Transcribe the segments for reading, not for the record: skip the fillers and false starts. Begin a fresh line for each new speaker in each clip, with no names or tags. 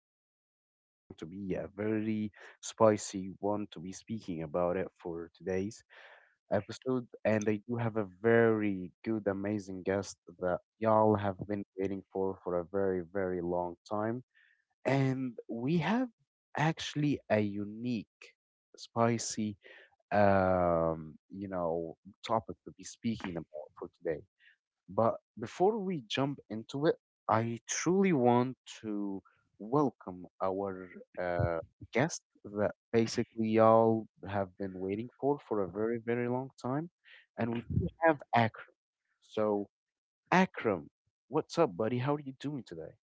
episode, which is going to be a very spicy one to be speaking about it for today's episode. And I do have a very good, amazing guest that y'all have been waiting for a very, very long time. And we have actually a unique, spicy, um, you know, topic to be speaking about for today. But before we jump into it, I truly want to welcome our uh, guest that basically y'all have been waiting for a very, very long time. And we do have Akram. So, Akram, what's up, buddy? How are you doing today?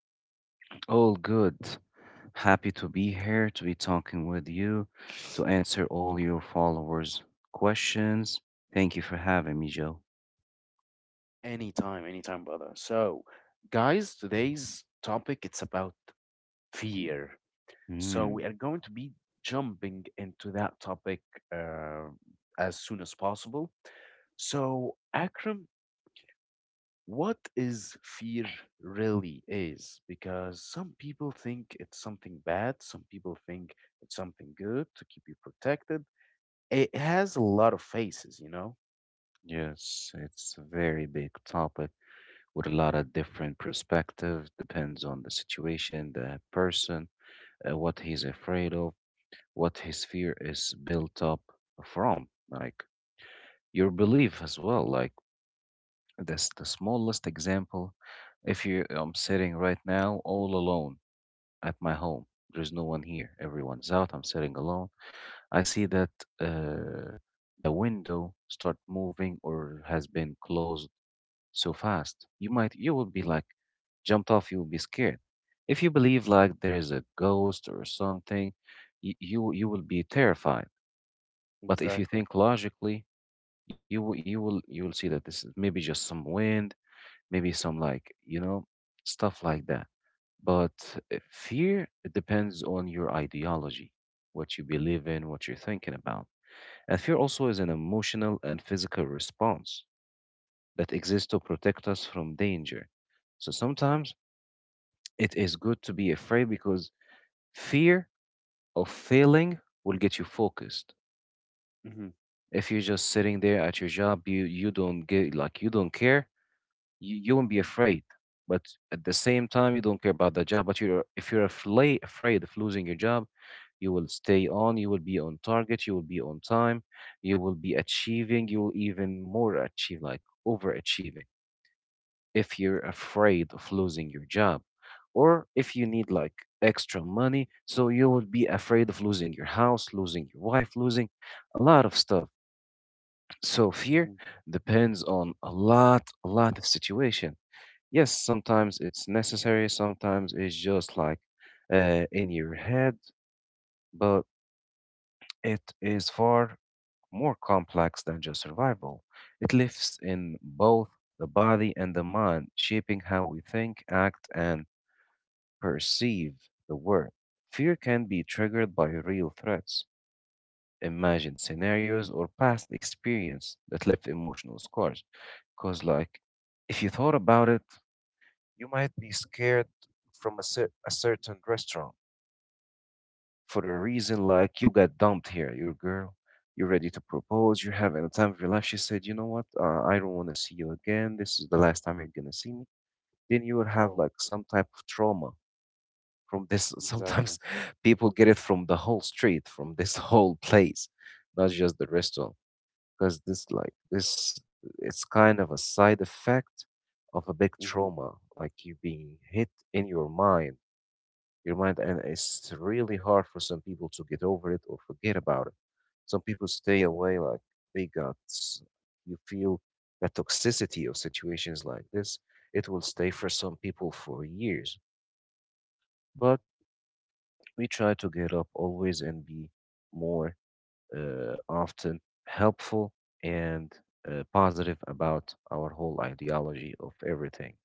All good. Happy to be here to be talking with you, to answer all your followers' questions. Thank you for having me, Joe.
Anytime, anytime, brother. So, guys, today's topic it's about fear. So we
Mm.
are going to be jumping into that topic uh, as soon as possible. So, Akram, what is fear really is? Because some people think it's something bad, some people think it's something good to keep you protected. It has a lot of faces, you know?
Yes, it's a very big topic, with a lot of different perspectives. Depends on the situation, the person, what he's afraid of, what his fear is built up from, like your belief as well, like... That's the smallest example. If you, I'm sitting right now all alone at my home. There's no one here. Everyone's out. I'm sitting alone. I see that uh, the window start moving or has been closed so fast. You will be like jumped off. You will be scared. If you believe like there is a ghost or something, you will be terrified. But if you
Exactly.
think logically, you will see that this is maybe just some wind, maybe some, like, you know, stuff like that. But fear, it depends on your ideology, what you believe in, what you're thinking about. And fear also is an emotional and physical response that exists to protect us from danger. So sometimes it is good to be afraid, because fear of failing will get you focused.
Mm-hmm.
If you're just sitting there at your job, you don't get, like, you don't care, you won't be afraid. But at the same time, you don't care about that job, but you're if you're afraid of losing your job, you will stay on, you will be on target, you will be on time, you will be achieving, you will even more achieve, like overachieving, if you're afraid of losing your job. Or if you need like extra money, so you would be afraid of losing your house, losing your wife, losing a lot of stuff. So fear
Mm-hmm.
depends on a lot of situation. Yes, sometimes it's necessary, sometimes it's just like in your head, but it is far more complex than just survival. It lives in both the body and the mind, shaping how we think, act, and perceive the world. Fear can be triggered by real threats, imagined scenarios, or past experience that left emotional scars. Because, like, if you thought about it, you might be scared from a, a certain restaurant for a reason, like you got dumped here. Your girl, you're ready to propose, you're having the time of your life. She said, "You know what? I don't want to see you again. This is the last time you're going to see me." Then you will have
Oh,
like some type of trauma from this. Sometimes
exactly.
people get it from the whole street, from this whole place, not just the restaurant. Because this, like, this, it's kind of a side effect of a big
Mm-hmm.
trauma, like you being hit in your mind, and it's really hard for some people to get over it or forget about it. Some people stay away, like they got, s- you feel the toxicity of situations like this. It will stay for some people for years, but we try to get up always and be more often helpful, and positive about our whole ideology of everything.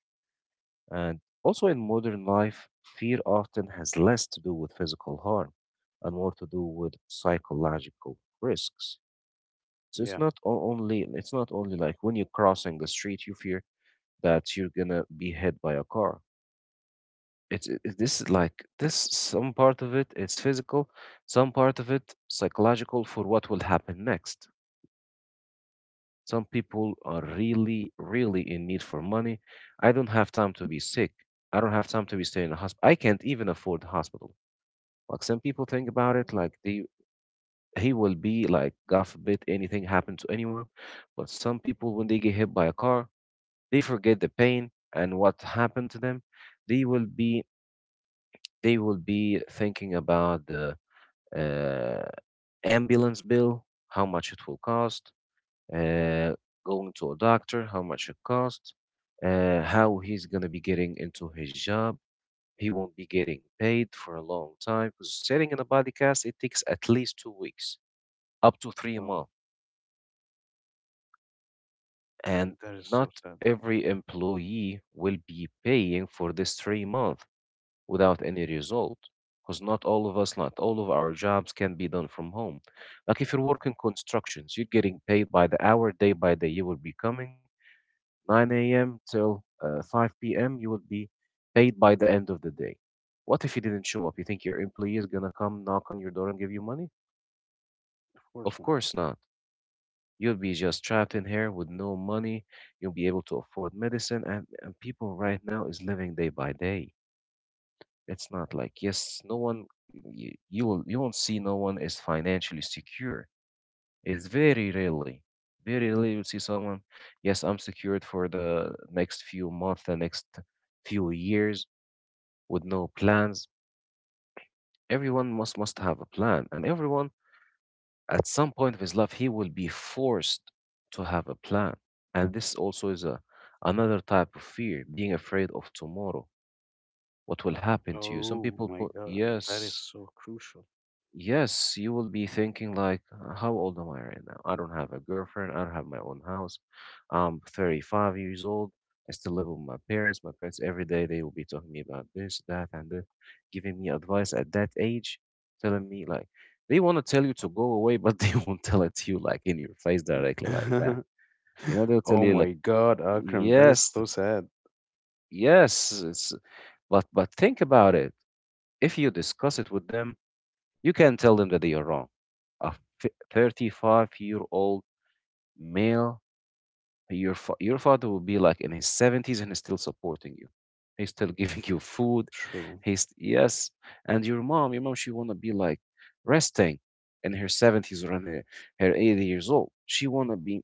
And also in modern life, fear often has less to do with physical harm and more to do with psychological risks. So it's
Yeah.
not o- only it's not only like when you're crossing the street, you fear that you're gonna be hit by a car. This is like, this, some part of it is physical, some part of it psychological for what will happen next. Some people are really, really in need for money. I don't have time to be sick. I don't have time to be staying in a hospital. I can't even afford the hospital. Like some people think about it, like they he will be like, God forbid anything happen to anyone. But some people, when they get hit by a car, they forget the pain and what happened to them. They will be they will be thinking about the uh, ambulance bill, how much it will cost, uh, going to a doctor, how much it costs, how he's going to be getting into his job. He won't be getting paid for a long time, because sitting in a body cast, it takes at least 2 weeks, up to three
Oh,
months. And
that is so
not
sad.
every employee will be paying for this 3 months without any result, because not all of us, not all of our jobs can be done from home. Like if you're working constructions, you're getting paid by the hour, day by day. You will be coming, 9 a.m. till 5 p.m., you will be paid by the end of the day. What if you didn't show up? You think your employee is going to come knock on your door and give you money?
Of course
Of
not.
course not. You'll be just trapped in here with no money. You'll be able to afford medicine, and people right now is living day by day. It's not like, yes, no one, you will, you won't see no one is financially secure. It's very rarely you'll see someone, yes, I'm secured for the next few months, the next few years, with no plans. Everyone must have a plan, and everyone at some point of his life he will be forced to have a plan. And this also is a another type of fear, being afraid of tomorrow, what will happen to you. Some
Oh
people
my
put
God, that is
yes.
so crucial.
Yes, you will be thinking like, how old am I right now? I don't have a girlfriend. I don't have my own house. I'm 35 years old. I still live with my parents. My parents every day they will be talking me about this, that, and this, giving me advice at that age, telling me like they want to tell you to go away, but they won't tell it to you like in your face directly like that. You know, they'll tell
Oh
you like,
my God, Akram, that is
yes,
so sad.
yes, it's..." But think about it. If you discuss it with them, you can tell them that they are wrong. A 35-year-old male, your father will be like in his 70s and he's still supporting you. He's still giving you food.
True.
He's... yes. And your mom, she want to be like resting in her 70s, or in her 80 years old. She want to be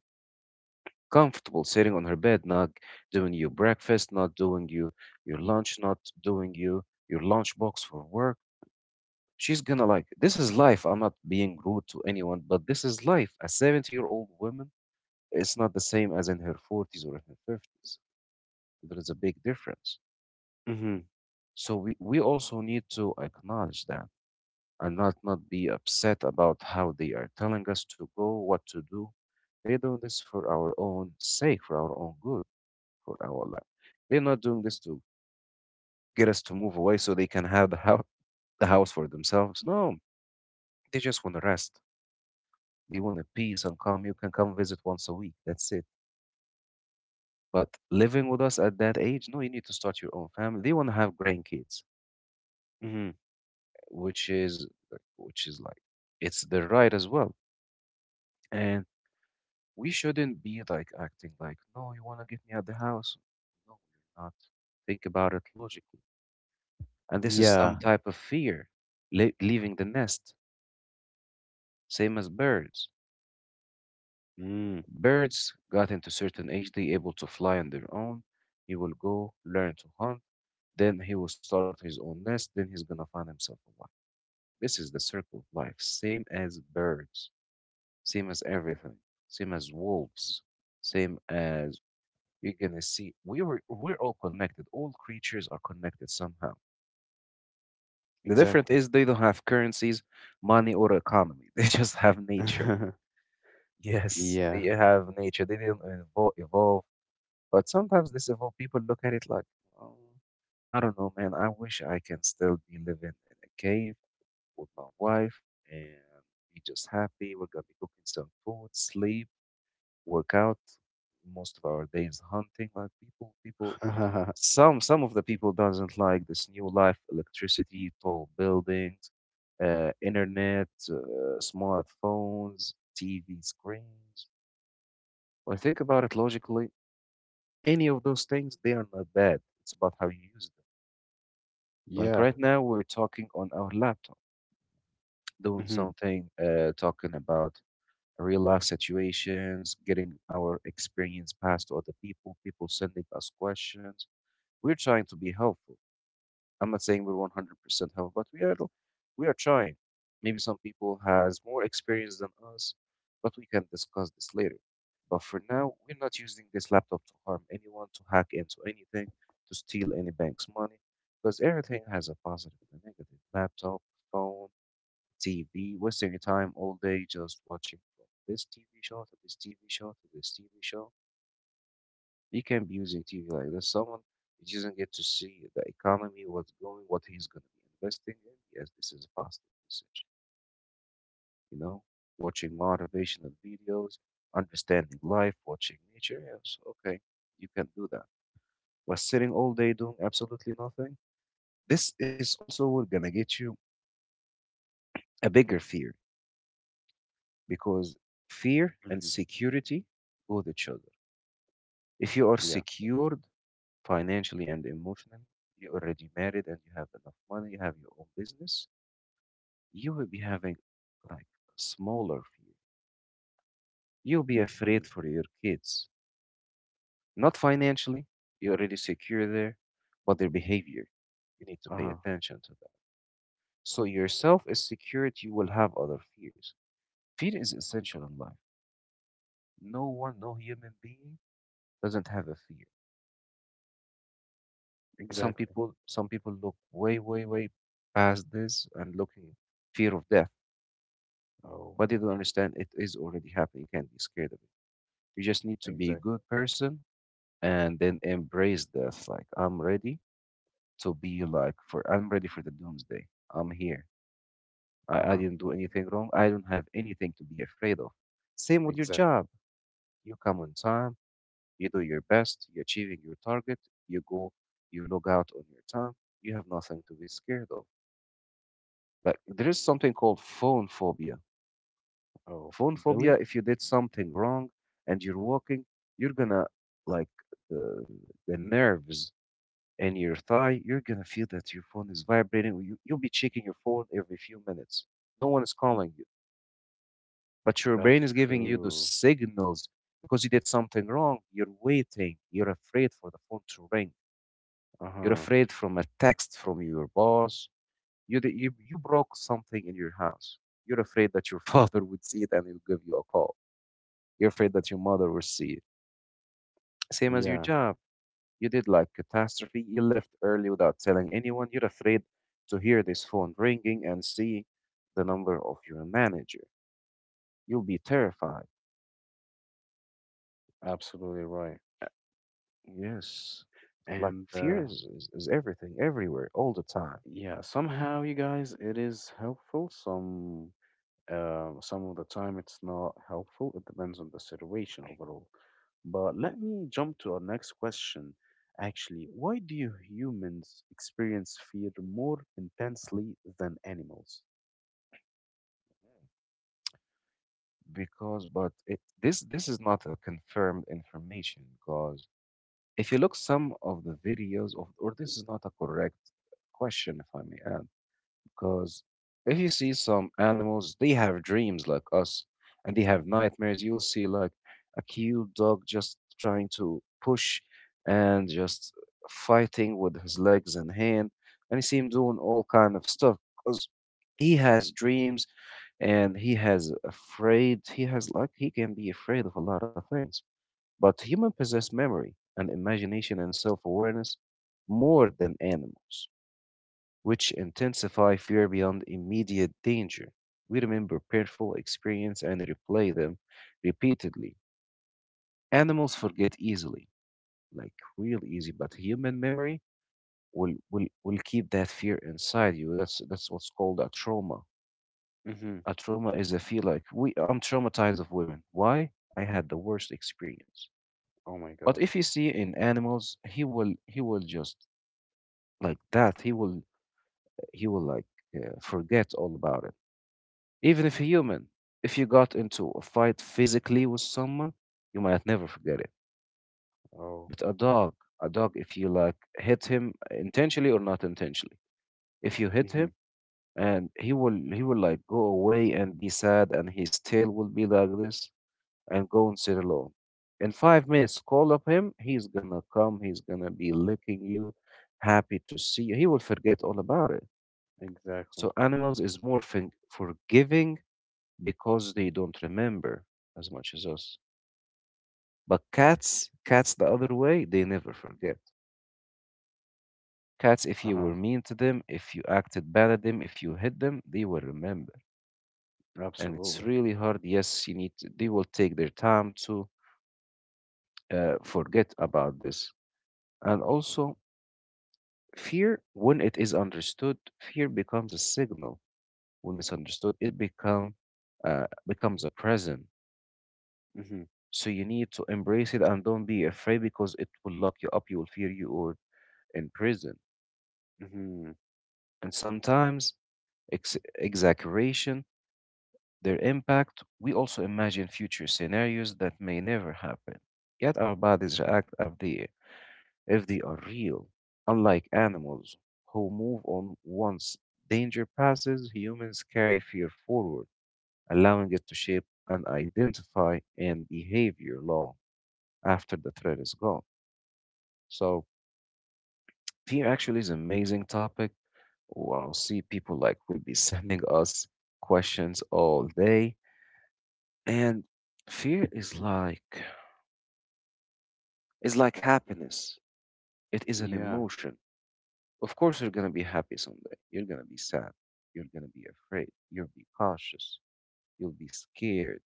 comfortable sitting on her bed, not doing you breakfast, not doing you your lunch, not doing you your lunchbox for work. She's gonna like, this is life. I'm not being rude to anyone, but this is life. A 70-year-old woman is not the same as in her 40s, or in her 50s. There is a big difference.
Mm-hmm.
So we also need to acknowledge that, and not be upset about how they are telling us to go, what to do. They're doing this for our own sake, for our own good, for our life. They're not doing this to get us to move away so they can have the, the house for themselves. No, they just want to rest. They want a peace and calm. You can come visit once a week. That's it. But living with us at that age, no, you need to start your own family. They want to have grandkids,
Mm-hmm.
which is like it's their right as well. And we shouldn't be like acting like, no, you want to get me out the house. No, you're not. Think about it logically. And this is some
Yeah.
type of fear, leaving the nest, same as birds.
Mm,
Birds got into certain age, they able to fly on their own. You will go learn to hunt. Then he will start his own nest. Then he's gonna find himself a wife. This is the circle of life. Same as birds, same as everything, same as wolves, same as... you're gonna see. We're all connected. All creatures are connected somehow. The difference
exactly.
is they don't have currencies, money, or economy. They just have nature. Yes,
Yeah.
they have nature. They didn't evolve, but sometimes this evolve. People look at it like, oh, I don't know, man. I wish I can still be living in a cave with my wife and be just happy. We're gonna be cooking some food, sleep, work out. Most of our days hunting. Like people, people. Some of the people doesn't like this new life: electricity, tall buildings, internet, smartphones, TV screens. When I think about it logically, any of those things they are not bad. It's about how you use them. Like
Yeah.
right now, we're talking on our laptop doing
Mm-hmm.
something, talking about real life situations, getting our experience passed to other people, people sending us questions. We're trying to be helpful. I'm not saying we're 100% helpful, but we are trying. Maybe some people has more experience than us, but we can discuss this later. But for now, we're not using this laptop to harm anyone, to hack into anything, to steal any bank's money, because everything has a positive and a negative. Laptop, phone, TV, wasting your time all day just watching from this TV show to this TV show to this TV show. You can't be using TV like this. Someone you doesn't get to see the economy, what's going, what he's going to be investing in. Yes, this is a positive usage. You know, watching motivational videos, understanding life, watching nature. Yes, okay, you can do that. But sitting all day doing absolutely nothing, this is also what gonna get you a bigger fear because fear and
Mm-hmm.
security go with each other. If you are
Yeah.
secured financially and emotionally, you're already married and you have enough money, you have your own business, you will be having like smaller fear. You'll be
Mm-hmm.
afraid for your kids. Not financially, you're already secure there, but their behavior, you need to pay
Uh-huh.
attention to that. So yourself is secured, you will have other fears. Fear is essential in life. No one, no human being doesn't have a fear. some
Exactly.
people some people look way past this and looking fear of death,
Oh,
but they don't understand it is already happening. You can't be scared of it. You just need to be a
exactly.
good person and then embrace death. Like I'm ready to be like for I'm ready for the doomsday. I'm here. I
Uh-huh.
didn't do anything wrong. I don't have anything to be afraid of. Same with your
Exactly.
job. You come on time, you do your best, you're achieving your target, you go, you log out on your time, you have nothing to be scared of. Like there is something called phone phobia.
Oh,
Phone phobia,
really?
if you did something wrong and you're walking, you're gonna like the the nerves in your thigh, you're gonna feel that your phone is vibrating. You'll be checking your phone every few minutes. No one is calling you, but your brain
That's
is giving you those
true.
signals because you did something wrong. You're waiting. You're afraid for the phone to ring. You're
Uh-huh.
afraid from a text from your boss. You broke something in your house. You're afraid that your father would see it and he'll give you a call. You're afraid that your mother will see it. Same as your
Yeah,
job. You did like catastrophe. You left early without telling anyone. You're afraid to hear this phone ringing and see the number of your manager. You'll be terrified.
absolutely right.
Yes, like
And
fear is everything, everywhere, all the time.
yeah, somehow you guys, it is helpful. Some of the time it's not helpful. It depends on the situation overall. But let me jump to our next question. Actually, why do humans experience fear more intensely than animals?
Because, but it, this is not a confirmed information because if you look some of the videos of, or this is not a correct question, if I may add, because if you see some animals, they have dreams like us, and they have nightmares. You'll see like a cute dog just trying to push and just fighting with his legs and hand, and he seems doing all kind of stuff because he has dreams and he has afraid. He has like he can be afraid of a lot of things. But humans possess memory and imagination and self awareness more than animals, which intensify fear beyond immediate danger. We remember painful experience and replay them repeatedly. Animals forget easily, like real easy, but human memory will keep that fear inside you. That's what's called a trauma.
Mm-hmm.
A trauma is a feel like we I'm traumatized of women. Why? I had the worst experience.
Oh my
But
God.
if you see in animals, he will just like that. He will like forget all about it. Even if human, if you got into a fight physically with someone, you might never forget it.
Oh.
But a dog, if you like hit him intentionally or not intentionally, if you hit
Mm-hmm.
him and he will like go away and be sad, and his tail will be like this and go and sit alone. In 5 minutes, call up him. He's gonna come. He's gonna be licking you, happy to see you. He will forget all about it. So
Exactly.
animals is more forgiving because they don't remember as much as us. But cats, cats the other way, they never forget. Cats, if you
Uh-huh.
were mean to them, if you acted bad at them, if you hit them, they will remember. And it's
Absolutely.
really hard. Yes, you need. To, they will take their time to forget about this. And also, fear, when it is understood, fear becomes a signal. When misunderstood, it becomes a present.
Mm-hmm.
So you need to embrace it and don't be afraid because it will lock you up. You will fear you or in prison.
Mm-hmm.
And sometimes exaggeration, their impact. We also imagine future scenarios that may never happen. Yet our bodies react as they if they are real. Unlike animals, who move on once danger passes, humans carry fear forward, allowing it to shape and identify and behavior long after the threat is gone. So, fear actually is an amazing topic. Well, I'll see people like will be sending us questions all day, and fear is like happiness. It is an
Yeah.
emotion. Of course, you're going to be happy someday. You're going to be sad. You're going to be afraid. You'll be cautious. You'll be scared.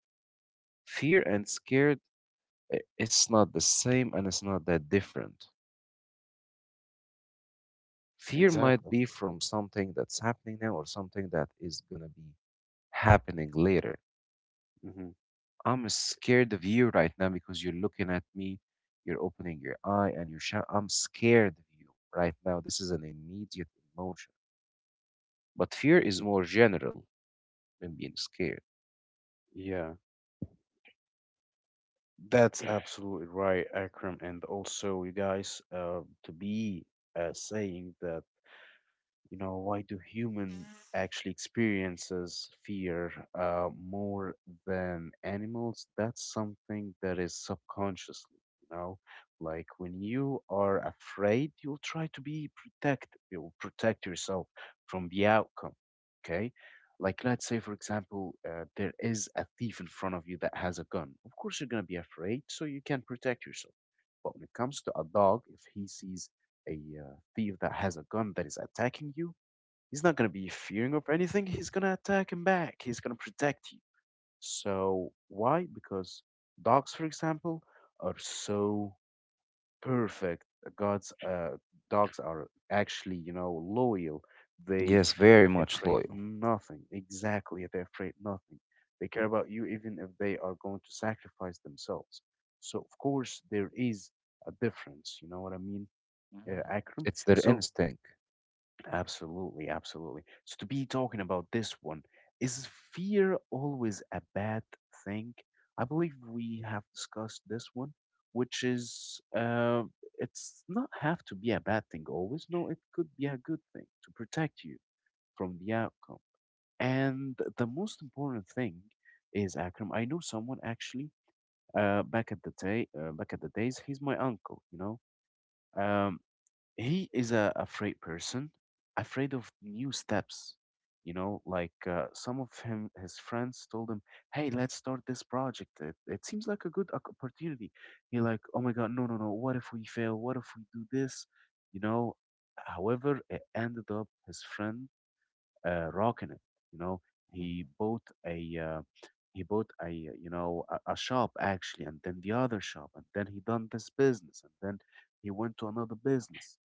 Fear and scared, it's not the same and it's not that different. Fear might
Exactly.
be from something that's happening now or something that is going to be happening later.
Mm-hmm.
I'm scared of you right now because you're looking at me, you're opening your eye, and you're shout, I'm scared of you right now. This is an immediate emotion. But fear
Mm-hmm.
is more general than being scared.
Yeah. That's absolutely right, Akram. And also, you guys, to be saying that you know why do human actually experiences fear more than animals, that's something that is subconsciously, you know, like when you are afraid, you'll try to be protected, you'll protect yourself from the outcome. Okay, like let's say, for example, there is a thief in front of you that has a gun. Of course you're going to be afraid, so you can protect yourself. But when it comes to a dog, if he sees a thief that has a gun that is attacking you, he's not going to be fearing of anything. He's going to attack him back. He's going to protect you. So why? Because dogs, for example, are so perfect. God's Dogs are actually, you know, loyal. They
Yes,
f-
very
they're
much
afraid
loyal.
nothing. Exactly, they're afraid nothing. They care about you even if they are going to sacrifice themselves. So of course there is a difference. You know what I mean,
Mm,
Akram?
it's their
So
instinct.
Absolutely, absolutely. So to be talking about this one, is fear always a bad thing? I believe we have discussed this one, which is it's not have to be a bad thing always. No, it could be a good thing to protect you from the outcome. And the most important thing is Akram. I know someone actually, back at the days, he's my uncle. You know, he is a afraid person, afraid of new steps. You know, like his friends told him, "Hey, let's start this project. It seems like a good opportunity." He like, "Oh my God, no, no, no! What if we fail? What if we do this?" You know. However, it ended up his friend rocking it. You know,
Mhm.
he bought a uh, he bought a shop actually, and then the other shop, and then he done this business, and then he went to another business.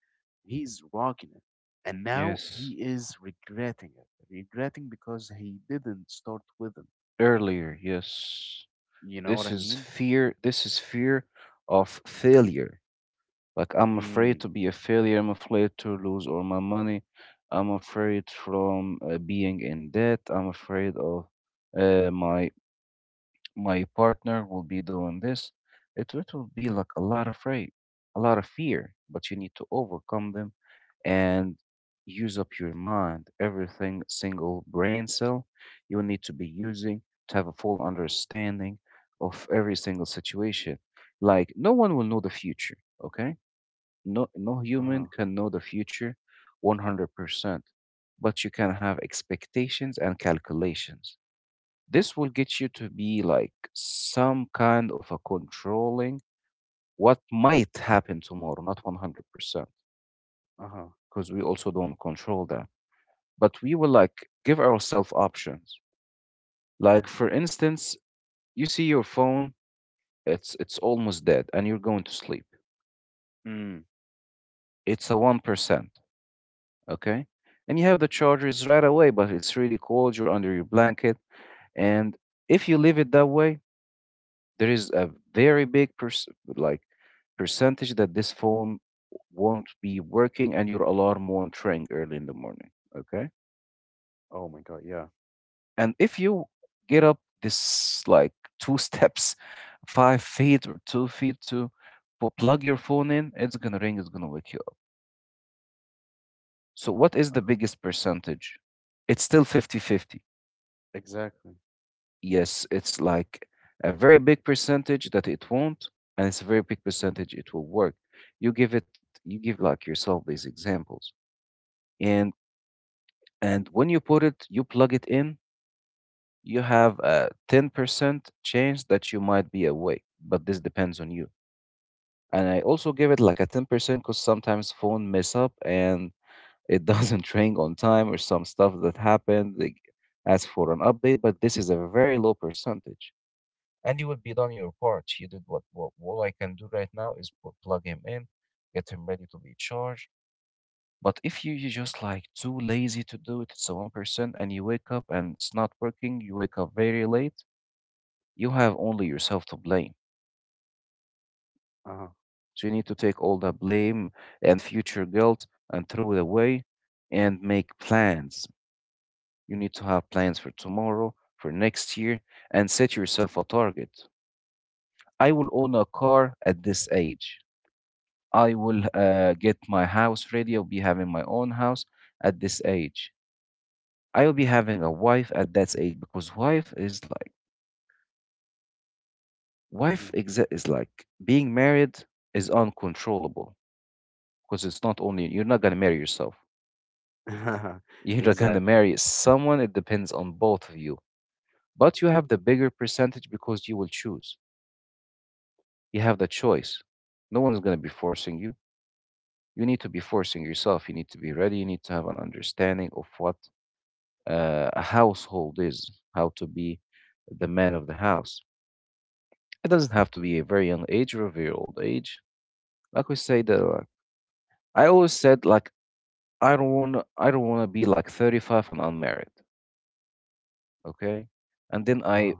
He's rocking it, and now
Yes,
he is regretting it, regretting because he didn't start with him.
earlier. Yes,
You know what
this
I
is
mean?
fear. This is fear of failure. Like I'm afraid
Mm.
to be a failure. I'm afraid to lose all my money. I'm afraid from being in debt. I'm afraid of my my partner will be doing this. It will be like a lot of afraid, a lot of fear. But you need to overcome them and use up your mind, everything single brain cell you will need to be using to have a full understanding of every single situation. Like no one will know the future, okay? No
Uh
human
huh.
can know the future 100%, but you can have expectations and calculations. This will get you to be like some kind of a controlling what might happen tomorrow, not 100%,
Uh huh.
because we also don't control that, but we will like give ourselves options.
Yeah.
Like for instance, you see your phone, it's almost dead and you're going to sleep.
Mm.
It's a 1%, okay? And you have the chargers right away, but it's really cold, you're under your blanket, and if you leave it that way, there is a very big like percentage that this phone won't be working and your alarm won't ring early in the morning, okay?
Oh my God. Yeah.
And if you get up this like two steps, 5 feet or 2 feet to plug your phone in, it's gonna ring, it's gonna wake you up. So what is
Uh
the
huh.
biggest percentage? It's still 50-50.
Exactly.
Yes, it's like a very big percentage that it won't, and it's a very big percentage it will work. You give like yourself these examples. And and when you put it, you plug it in, you have a 10% chance that you might be awake, but this depends on you, and I also give it like a 10% because sometimes phone mess up and it doesn't ring on time or some stuff that happened. They ask for an update, but this is a very low percentage. And you would be done your part. You did what all I can do right now is plug him in, get him ready to be charged. But if you, you're just like too lazy to do it, it's a 1%, and you wake up and it's not working, you wake up very late, you have only yourself to blame.
Uh huh.
So you need to take all the blame and future guilt and throw it away and make plans. You need to have plans for tomorrow, for next year, and set yourself a target. I will own a car at this age. I will get my house ready. I'll be having my own house at this age. I will be having a wife at that age because wife is like is like being married is uncontrollable because it's not only you're not gonna marry yourself.
Hmm.
You're gonna
Exactly.
marry someone. It depends on both of you. But you have the bigger percentage because you will choose. You have the choice. No one's gonna be forcing you. You need to be forcing yourself. You need to be ready. You need to have an understanding of what a household is, how to be the man of the house. It doesn't have to be a very young age or a very old age. Like we say that, I always said like I don't want to be like 35 and unmarried. Okay, and then
Uh huh.
I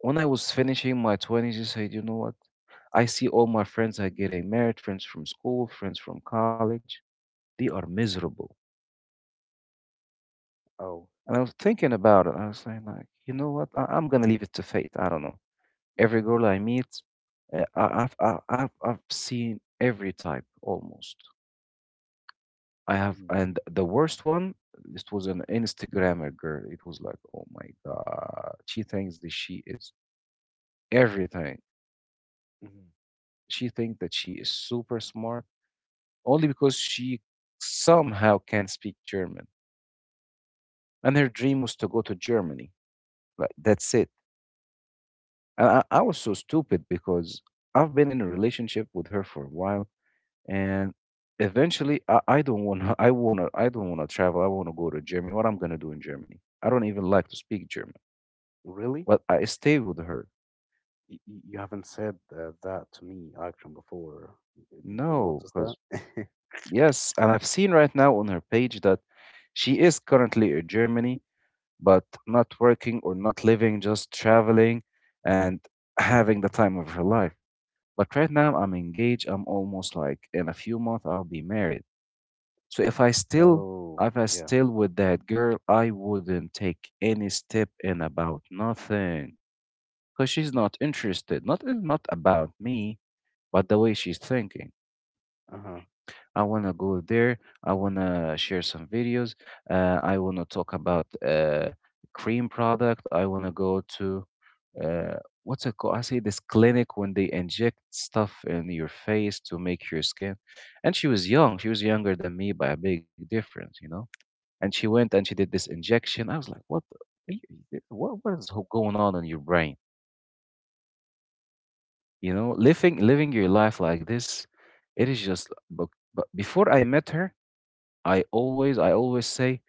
when I was finishing my 20s, I said, you know what? I see all my friends are getting married, friends from school, friends from college. They are miserable.
Oh.
And I was thinking about it. I was saying, like, you know what? I'm going to leave it to fate. I don't know. Every girl I meet, I've seen every type almost. I have,
Mm-hmm.
and the worst one, this was an Instagrammer girl. It was like, oh my God. She thinks that she is everything.
Mm-hmm.
She thinks that she is super smart only because she somehow can speak German. And her dream was to go to Germany. Like, that's it. And I was so stupid because I've been in a relationship with her for a while, and eventually I don't want to. I don't want to travel. I want to go to Germany. What I'm gonna do in Germany? I don't even like to speak German.
Really?
But I stay with her.
You haven't said that to me, Akram, before. Did you
No,
notice that?
because yes, and I've seen right now on her page that she is currently in Germany but not working or not living, just traveling and having the time of her life. But right now, I'm engaged. I'm almost like in a few months, I'll be married. So if I still,
Oh,
if I
yeah.
still with that girl, I wouldn't take any step in about nothing because she's not interested. Not about me, but the way she's thinking.
Uh-huh.
I wanna go there. I wanna share some videos. I wanna talk about cream product. I wanna go to uh, what's it called? I say this clinic when they inject stuff in your face to make your skin. And she was young. She was younger than me by a big difference, you know. And she went and she did this injection. I was like, what? Going on in your brain? You know, living your life like this, it is just. But before I met her, I always say,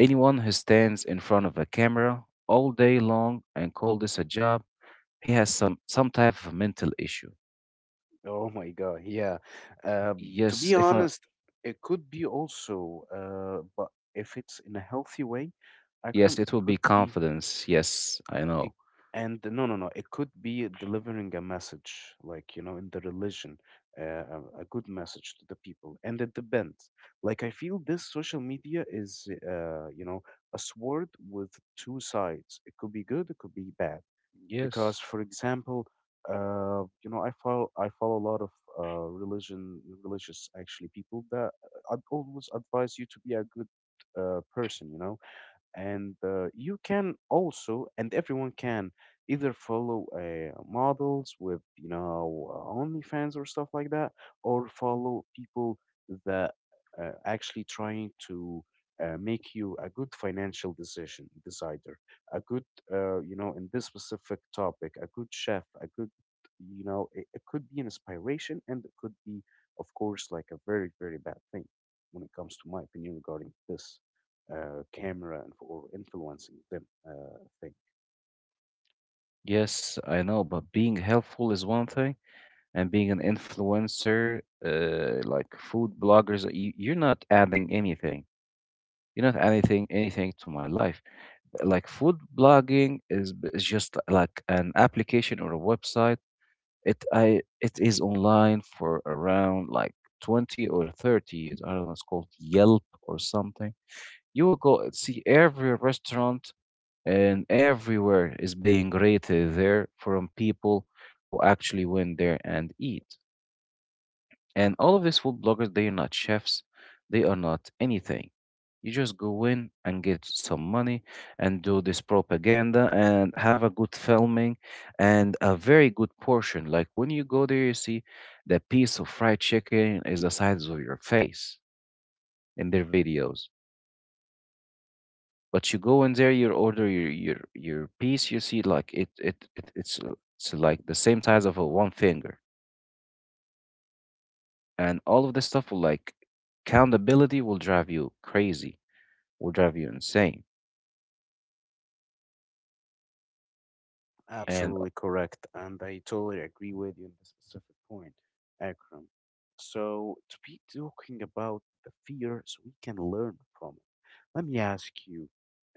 anyone who stands in front of a camera all day long and call this a job, he has some type of mental issue.
Oh my God. Yeah. To be
Yes, if I
honest, it could be also, but if it's in a healthy way,
yes,
Akram,
it
it
will be
could be.
confidence. Yes, I know.
It, and no, no, no. It could be delivering a message, like, you know, in the religion, a good message to the people. And it depends. Like, I feel this social media is, a sword with two sides. It could be good, it could be bad. Because,
Yes,
for example, I follow a lot of religion religious actually people that always advise you to be a good person. You know, and you can also, and everyone can either follow models with OnlyFans or stuff like that, or follow people that actually trying to make you a good financial decision decider, a good in this specific topic a good chef, a good, it could be an inspiration, and it could be of course like a very very bad thing when it comes to my opinion regarding this camera and for influencing them thing.
yes, I know. But being helpful is one thing, and being an influencer, like food bloggers, you're not adding anything. You're not anything, anything to my life. Like food blogging is just like an application or a website. It is online for around like 20 or 30 years. I don't know. It's called Yelp or something. You will go and see every restaurant, and everywhere is being rated there from people who actually went there and eat. And all of these food bloggers, they are not chefs, they are not anything. You just go in and get some money and do this propaganda and have a good filming and a very good portion. Like when you go there, you see the piece of fried chicken is the size of your face in their videos. But you go in there, you order your your piece, you see like it's like the same size of a one finger, and all of this stuff will like accountability will drive you crazy, will drive you insane. And
Absolutely correct, and I totally agree with you on this specific point, Akram. So to be talking about the fear, so we can learn from it. Let me ask you,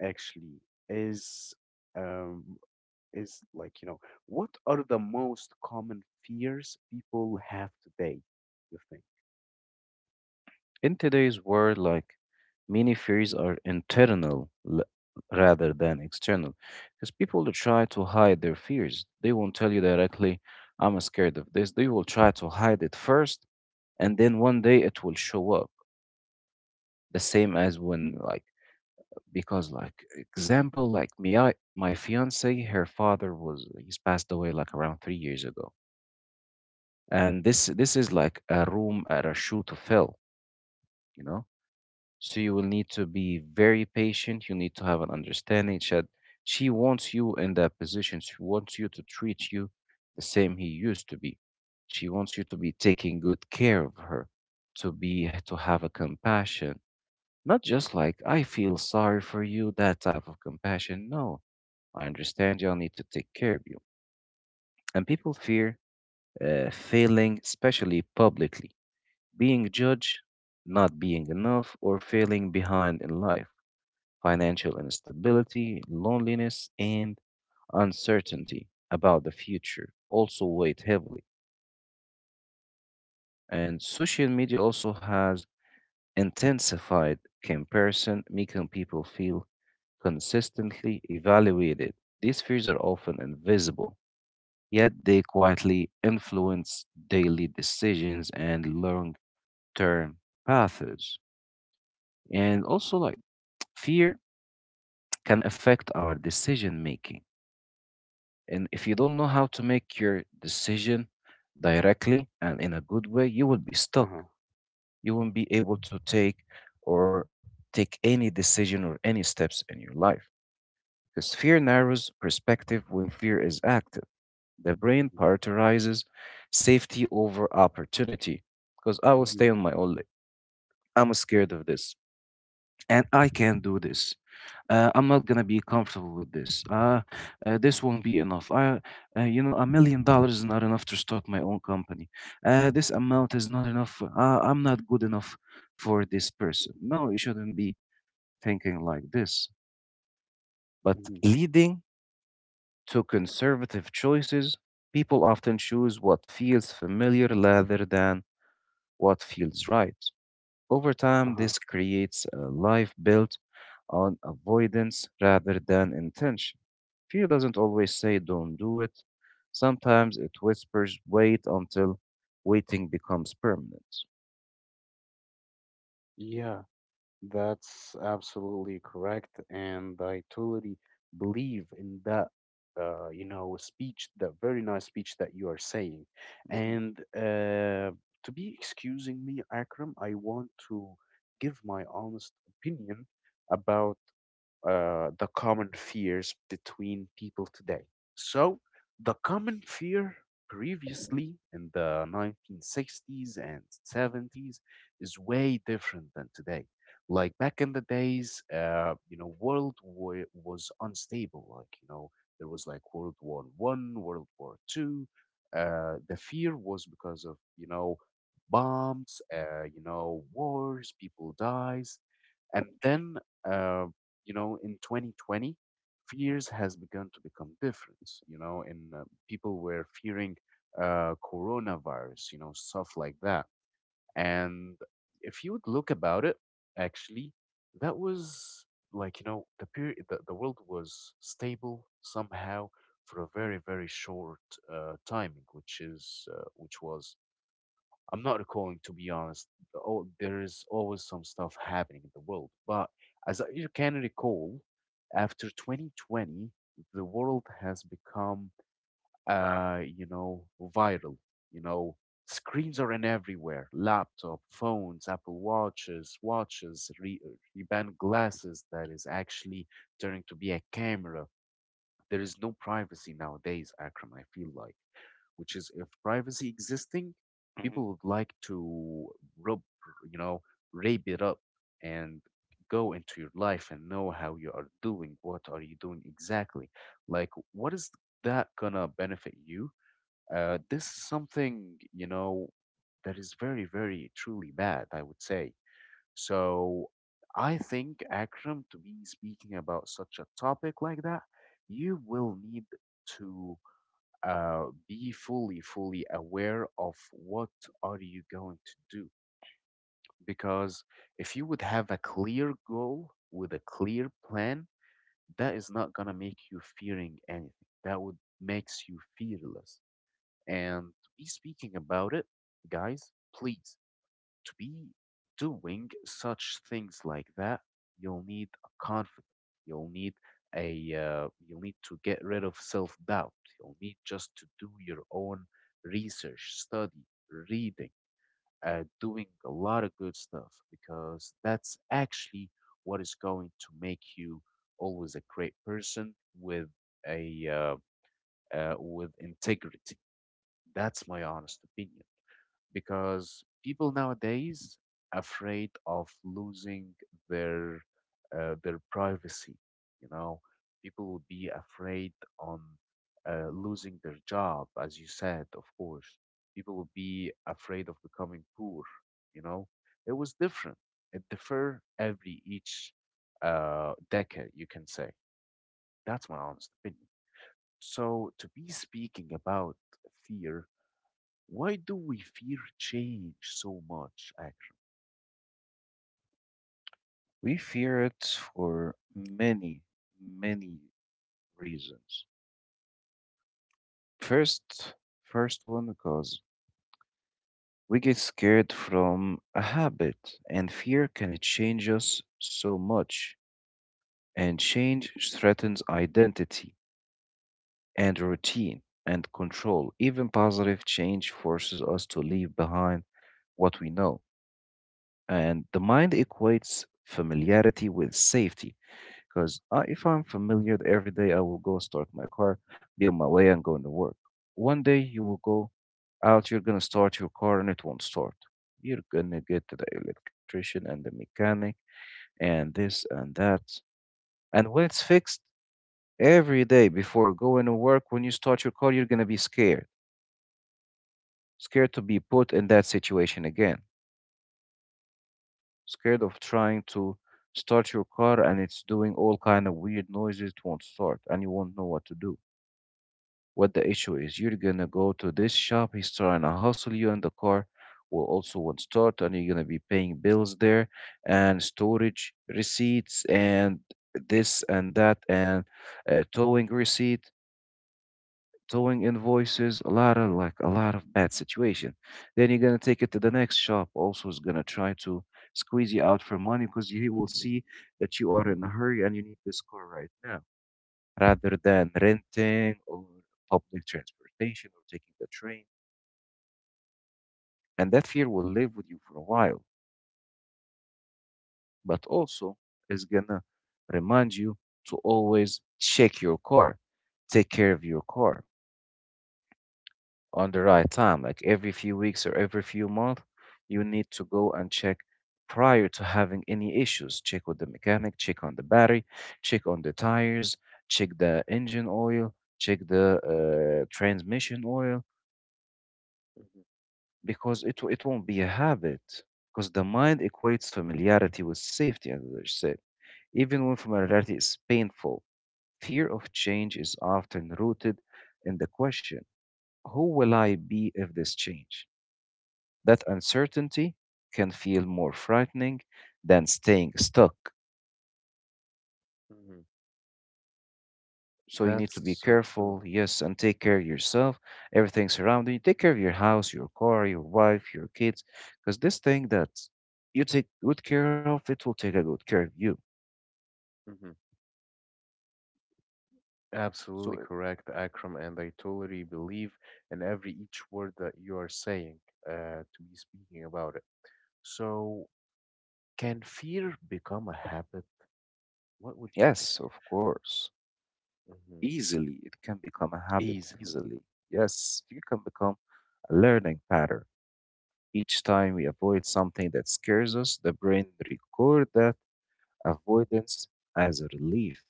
actually, is um is like you know what are the most common fears people have today? You think?
in today's world, like many fears are internal rather than external, because people that try to hide their fears. They won't tell you directly, "I'm scared of this." They will try to hide it first, and then one day it will show up. The same as when, like, because, like, example, like me, my fiance, her father was he's passed away like around 3 years ago, and this is like a room at a shoe to fill, you know. So you will need to be very patient. You need to have an understanding that she wants you in that position. She wants you to treat you the same he used to be. She wants you to be taking good care of her, to to have a compassion, not just like I feel sorry for you, that type of compassion. No, I understand y'all need to take care of you. And people fear failing, especially publicly, being judged, not being enough, or failing behind in life, financial instability, loneliness, and uncertainty about the future also weigh heavily. And social media also has intensified comparison, making people feel consistently evaluated. These fears are often invisible, yet they quietly influence daily decisions and long term paths. And also, like, fear can affect our decision making. And if you don't know how to make your decision directly and in a good way, you will be
Uh
stuck.
huh.
You won't be able to take or take any decision or any steps in your life. Because fear narrows perspective. When fear is active, the brain
Mm-hmm.
prioritizes safety over opportunity. Because I will
Mm-hmm.
stay on my own leg. I'm scared of this and I can't do this. I'm not gonna be comfortable with this. This won't be enough. You know, $1 million is not enough to start my own company. This amount is not enough. I'm not good enough for this person. No, you shouldn't be thinking like this. But
Mm-hmm.
leading to conservative choices, people often choose what feels familiar rather than what feels right. Over
Uh
time,
huh.
this creates a life built on avoidance rather than intention. Fear doesn't always say don't do it. Sometimes it whispers wait until waiting becomes permanent.
Yeah. That's absolutely correct, and I totally believe in that. Speech, that very nice speech that you are saying.
Hmm.
And to be excusing me, Akram, I want to give my honest opinion about the common fears between people today. So, the common fear previously in the 1960s and 70s is way different than today. Like back in the days, world war was unstable. Like there was like World War I, World War II. The fear was because of bombs, wars, people dies, and then uh in 2020, fears has begun to become different. You know, and people were fearing coronavirus, stuff like that. And if you would look about it, actually, that was like the period, the world was stable somehow for a very very short timing, which was I'm not recalling, to be honest. Oh, there is always some stuff happening in the world. But as I can recall, after 2020, the world has become, viral. You know, screens are in everywhere: laptop, phones, Apple Watches, watches, Ray-Ban glasses that is actually turning to be a camera. There is no privacy nowadays, Akram, I feel like, which is if privacy existing,
Hmm.
people would like to rub, you know, rape it up and go into your life and know how you are doing, what are you doing exactly. Like, what is that gonna benefit you? This is something, that is very, very truly bad, I would say. So I think, Akram, to be speaking about such a topic like that, you will need to be fully fully aware of what are you going to do, because if you would have a clear goal with a clear plan that is not going to make you fearing anything, that would makes you fearless. And be speaking about it, guys, please, to be doing such things like that, you'll need a confidence. You'll need a you'll need to get rid of self-doubt. You'll need just to do your own research, study, reading, doing a lot of good stuff, because that's actually what is going to make you always a great person with a with integrity. That's my honest opinion, because people nowadays afraid of losing their their privacy. You know, people will be afraid on losing their job, as you said, of course. People will be afraid of becoming poor. You know, it was different. It differ every each decade, you can say. That's my honest opinion. So to be speaking about fear, why do we fear change so much, Akram?
We fear it for many, many reasons. First, first one because we get scared from a habit, and fear can change us so much. And change threatens identity and routine and control. Even positive change forces us to leave behind what we know. And the mind equates familiarity with safety, because if I'm familiar every day, I will go start my car, be on my way, and going to work. One day you will go out, you're going to start your car, and it won't start. You're going to get to the electrician and the mechanic and this and that. And when it's fixed, every day before going to work, when you start your car, you're going to be scared, scared to be put in that situation again, scared of trying to start your car and it's doing all kind of weird noises, it won't start and you won't know what to do, what the issue is. You're gonna go to this shop, he's trying to hustle you, and the car will also won't start, and you're gonna be paying bills there and storage receipts and this and that, and uh, towing receipt towing invoices, a lot of like a lot of bad situation. Then you're gonna take it to the next shop, also is gonna try to squeeze you out for money because he will see that you are in a hurry and you need this car right now, rather than renting or public transportation or taking the train. And that fear will live with you for a while, but also is gonna remind you to always check your car, take care of your car on the right time, like every few weeks or every few months, you need to go and check prior to having any issues. Check with the mechanic, check on the battery, check on the tires, check the engine oil, check the transmission oil, because it won't be a habit. Because the mind equates familiarity with safety, as I said. Even when familiarity is painful, fear of change is often rooted in the question who will I be if this change? That uncertainty can feel more frightening than staying stuck.
Hmm.
So you need to
That's
be
so
careful,
true.
yes, and take care of yourself, everything surrounding you. Take care of your house, your car, your wife, your kids, because this thing that you take good care of, it will take a good care of you.
Hmm.
So,
Absolutely correct, Akram, and I totally believe in every each word that you are saying to be speaking about it. So, can fear become a habit? What would you think?
yes, of course,
Hmm.
easily it can become a habit,
Easily.
easily. Yes, fear can become a learning pattern. Each time we avoid something that scares us, the brain record that avoidance as a relief.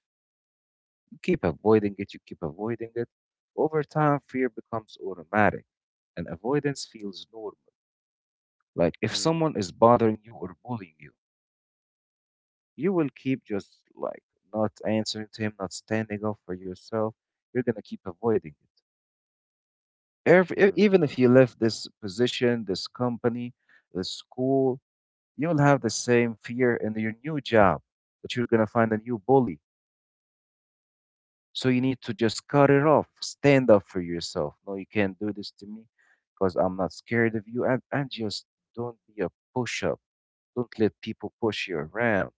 You keep avoiding it, you keep avoiding it. Over time, fear becomes automatic and avoidance feels normal. Like if
Hmm.
someone is bothering you or bullying you, you will keep just like not answering to him, not standing up for yourself. You're going to keep avoiding it.
Hmm.
Even if you left this position, this company, this school, you'll have the same fear in your new job that you're going to find a new bully. So you need to just cut it off. Stand up for yourself. No, you can't do this to me because I'm not scared of you. And just don't be a push up. Don't let people push you around.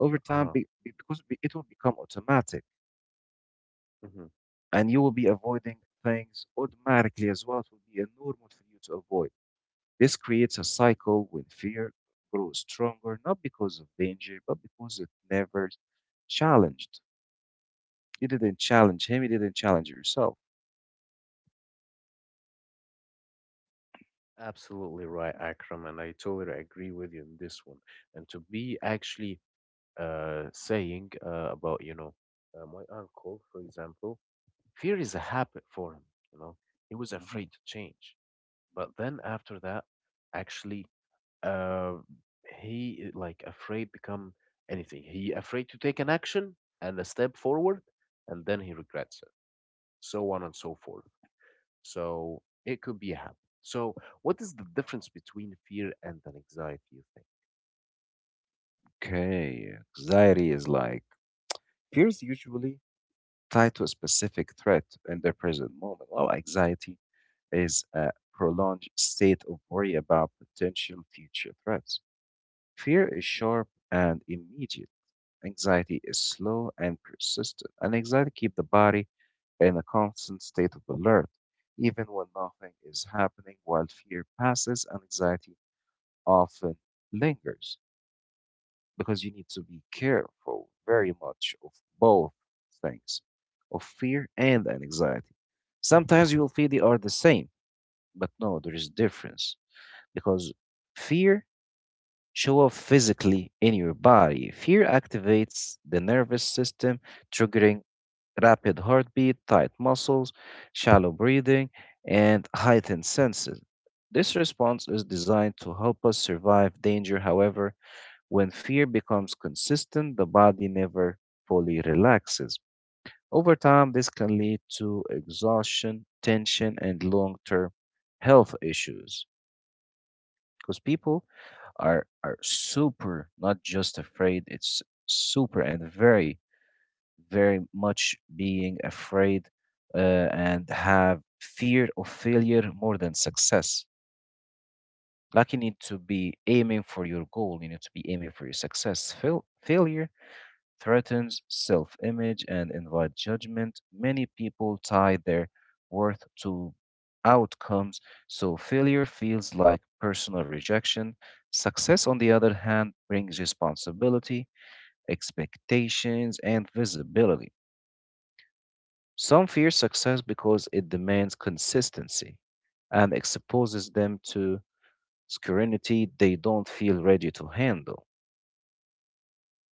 Over time,
Uh-huh.
it will become automatic
Hmm.
and you will be avoiding things automatically as what will be a normal for you to avoid. This creates a cycle when fear grows stronger, not because of danger, but because it never challenged. You didn't challenge him, you didn't challenge yourself.
Absolutely right, Akram, and I totally agree with you on this one. And to be actually saying about my uncle, for example, fear is a habit for him. You know, he was
Mhm.
afraid to change, but then after that, actually, uh, he like afraid become anything. He afraid to take an action and a step forward, and then he regrets it. So on and so forth. So it could be a habit. So what is the difference between fear and an anxiety? You think?
Okay, anxiety is like fears usually tied to a specific threat in the present moment, while anxiety is a prolonged state of worry about potential future threats. Fear is sharp and immediate. Anxiety is slow and persistent, and anxiety keeps the body in a constant state of alert, even when nothing is happening, while fear passes and anxiety often lingers, because you need to be careful very much of both things, of fear and anxiety. Sometimes you'll feel they are the same, but no, there is difference because fear show up physically in your body. Fear activates the nervous system, triggering rapid heartbeat, tight muscles, shallow breathing, and heightened senses. This response is designed to help us survive danger. However, when fear becomes consistent, the body never fully relaxes. Over time, this can lead to exhaustion, tension, and long term health issues because people are super not just afraid, it's super and very very much being afraid and have fear of failure more than success. Like you need to be aiming for your goal, you need to be aiming for your success. Failure threatens self image and invite judgment. Many people tie their worth to outcomes, so failure feels like personal rejection. Success, on the other hand, brings responsibility, expectations, and visibility. Some fear success because it demands consistency and exposes them to scrutiny they don't feel ready to handle.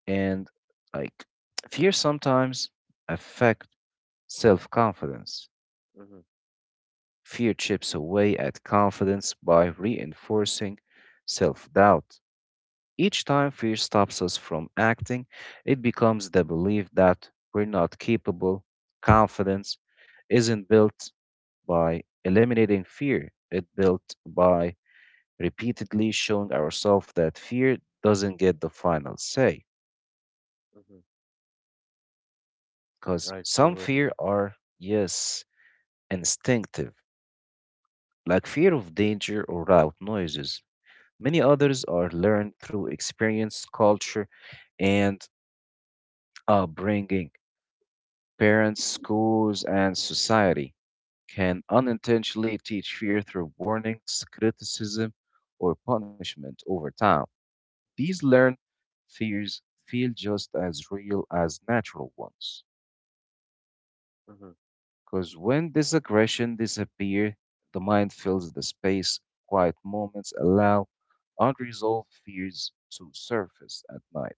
And like fear sometimes affect self-confidence.
Mm-hmm,
Fear chips away at confidence by reinforcing self-doubt. Each time fear stops us from acting, it becomes the belief that we're not capable. Confidence isn't built by eliminating fear. It built by repeatedly showing ourselves that fear doesn't get the final say.
mm-hmm.
Because
Right,
some
totally.
fear are, yes, instinctive, like fear of danger or loud noises. Many others are learned through experience, culture, and upbringing. Parents, schools, and society can unintentionally teach fear through warnings, criticism, or punishment over time. These learned fears feel just as real as natural ones,
Mm-hmm.
because when this aggression disappears, the mind fills the space. Quiet moments allow unresolved fears to surface at night.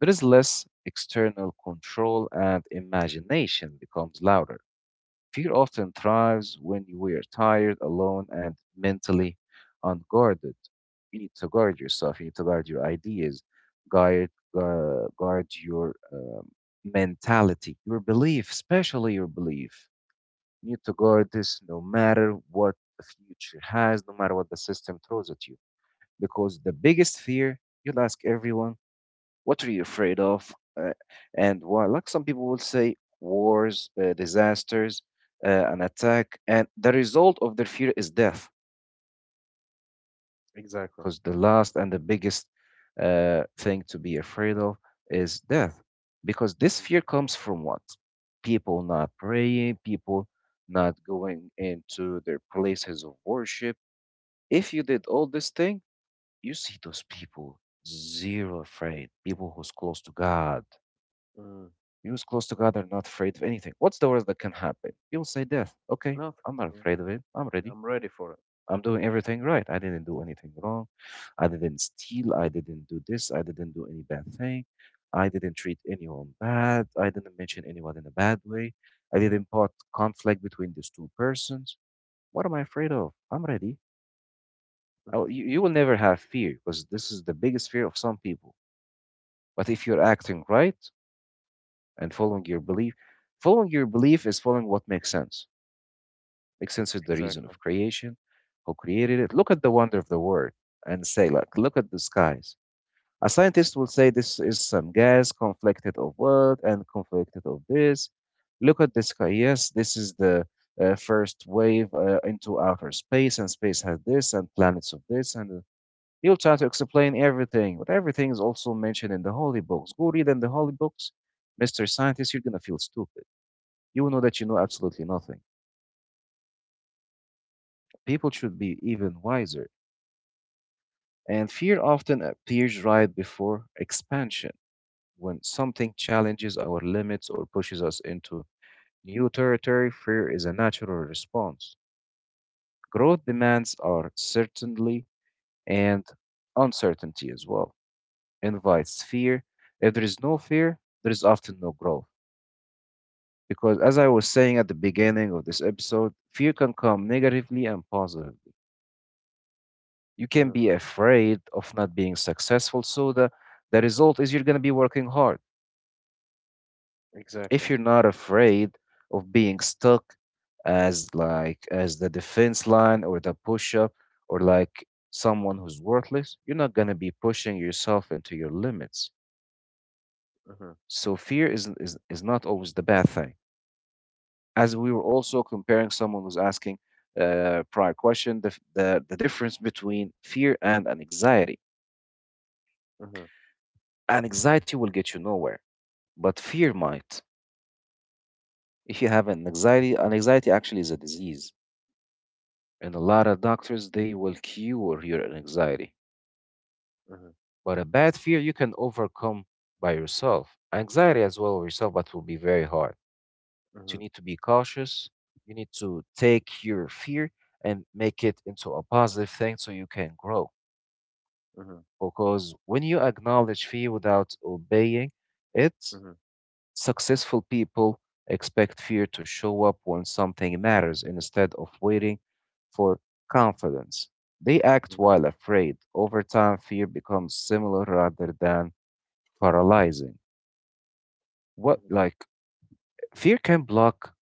There is less external control and imagination becomes louder. Fear often thrives when we are tired, alone, and mentally unguarded. You need to guard yourself, you need to guard your ideas, guard, guard your mentality, your belief, especially your belief. You need to guard this no matter what the future has, no matter what the system throws at you. Because the biggest fear, you'll ask everyone what are you afraid of? Uh, and why? Like some people will say, wars, disasters, an attack, and the result of their fear is death,
Exactly.
because the last and the biggest thing to be afraid of is death, because this fear comes from what? People not praying, people not going into their places of worship. If you did all this thing, you see those people zero afraid, people who's close to God.
Mm.
We was close together, not afraid of anything. What's the worst that can happen? People say death. Okay,
No, th-
I'm not
yeah,
afraid of it. I'm
yeah,
ready.
I'm ready for it.
I'm doing everything right. I didn't do anything wrong. I didn't steal. I didn't do this. I didn't do any bad thing. I didn't treat anyone bad. I didn't mention anyone in a bad way. I didn't put conflict between these two persons. What am I afraid of? I'm ready. I,
Hmm.
you, you will never have fear because this is the biggest fear of some people. But if you're acting right, and following your belief. Following your belief is following what makes sense. Makes sense is the reason
Exactly.
of creation, who created it. Look at the wonder of the world and say, like, look at the skies. A scientist will say this is some gas conflicted of what and conflicted of this. Look at the sky. Yes, this is the first wave into outer space, and space has this, and planets of this, and he'll try to explain everything. But everything is also mentioned in the holy books. Go read in the holy books, Mr. Scientist, you're gonna feel stupid you will know that you know absolutely nothing. People should be even wiser. And fear often appears right before expansion. When something challenges our limits or pushes us into new territory, fear is a natural response. Growth demands our certainty and uncertainty as well, invites fear. If there is no fear, there is often no growth. Because as I was saying at the beginning of this episode, fear can come negatively and positively you can
Hmm.
be afraid of not being successful. The result is you're going to be working hard. If
Exactly.
you're not afraid of being stuck as like as the defense line or the push up or like someone who's worthless, you're not going to be pushing yourself into your limits.
Hmm.
So fear is is not always the bad thing. As we were also comparing someone was asking prior question the, f- the difference between fear and an anxiety.
Hmm.
An anxiety will get you nowhere but fear might. If you have an anxiety actually is a disease, and a lot of doctors they will cure your anxiety.
Hmm.
But a bad fear you can overcome by yourself. Anxiety as well yourself, but will be very hard. So
Hmm.
you need to be cautious. You need to take your fear and make it into a positive thing so you can grow.
Hmm.
Because when you acknowledge fear without obeying it,
Hmm.
successful people expect fear to show up when something matters instead of waiting for confidence. They act
Hmm.
while afraid. Over time, fear becomes similar rather than paralyzing. What,
Hmm.
like, fear can block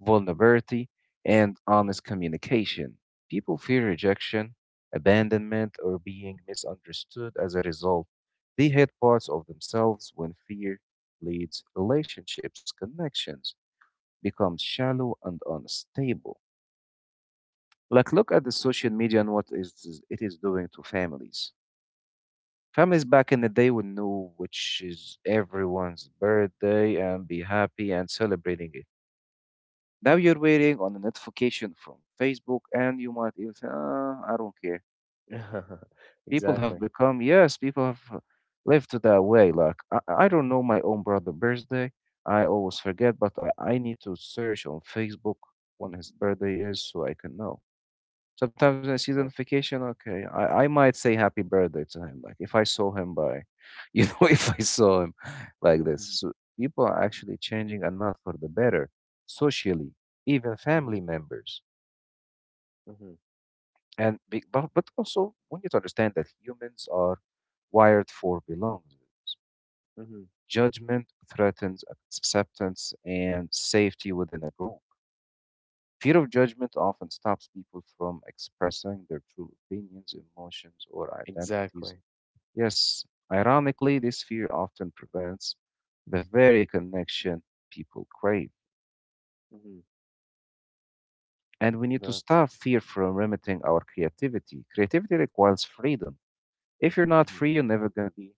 vulnerability and honest communication. People fear rejection, abandonment, or being misunderstood as a result. They hate parts of themselves when fear leads relationships, connections, becomes shallow and unstable. Like, look at the social media and what is it is doing to families. Families back in the day would know which is everyone's birthday and be happy and celebrating it. Now you're waiting on a notification from Facebook, and you might even say, ah, I don't care. People
Exactly.
have become, yes, people have lived that way. Like, I don't know my own brother's birthday. I always forget, but I need to search on Facebook when his birthday is so I can know. Sometimes when I see the
Mm-hmm.
notification, okay, I might say happy birthday to him. Like if I saw him by, you know, if I saw him like this. So people are actually changing and not for the better, socially, even
Hmm.
family members.
Hmm.
But also we need to understand that humans are wired for belonging.
Hmm.
Judgment threatens acceptance and safety within a group. Fear of judgment often stops people from expressing their true opinions, emotions, or identities.
Exactly.
Yes, ironically, this fear often prevents the very connection people crave.
Hmm.
And we need to
That.
stop fear from limiting our creativity. Creativity requires freedom. If you're not
Hmm.
free, you're never going to be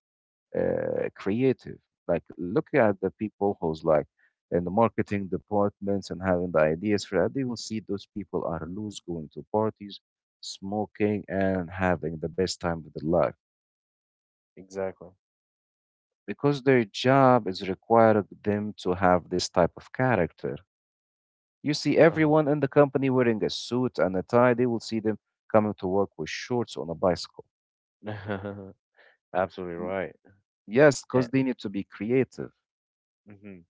creative. Like, look at the people who's like in the marketing departments and having the ideas for that. They will see those people are loose, going to parties, smoking, and having the best time of their life
Exactly.
because their job is required them to have this type of character. You see
Uh-huh.
everyone in the company wearing a suit and a tie, they will see them coming to work with shorts on a bicycle.
Absolutely
Mm,
right.
yes, because
And,
they need to be creative.
hmm.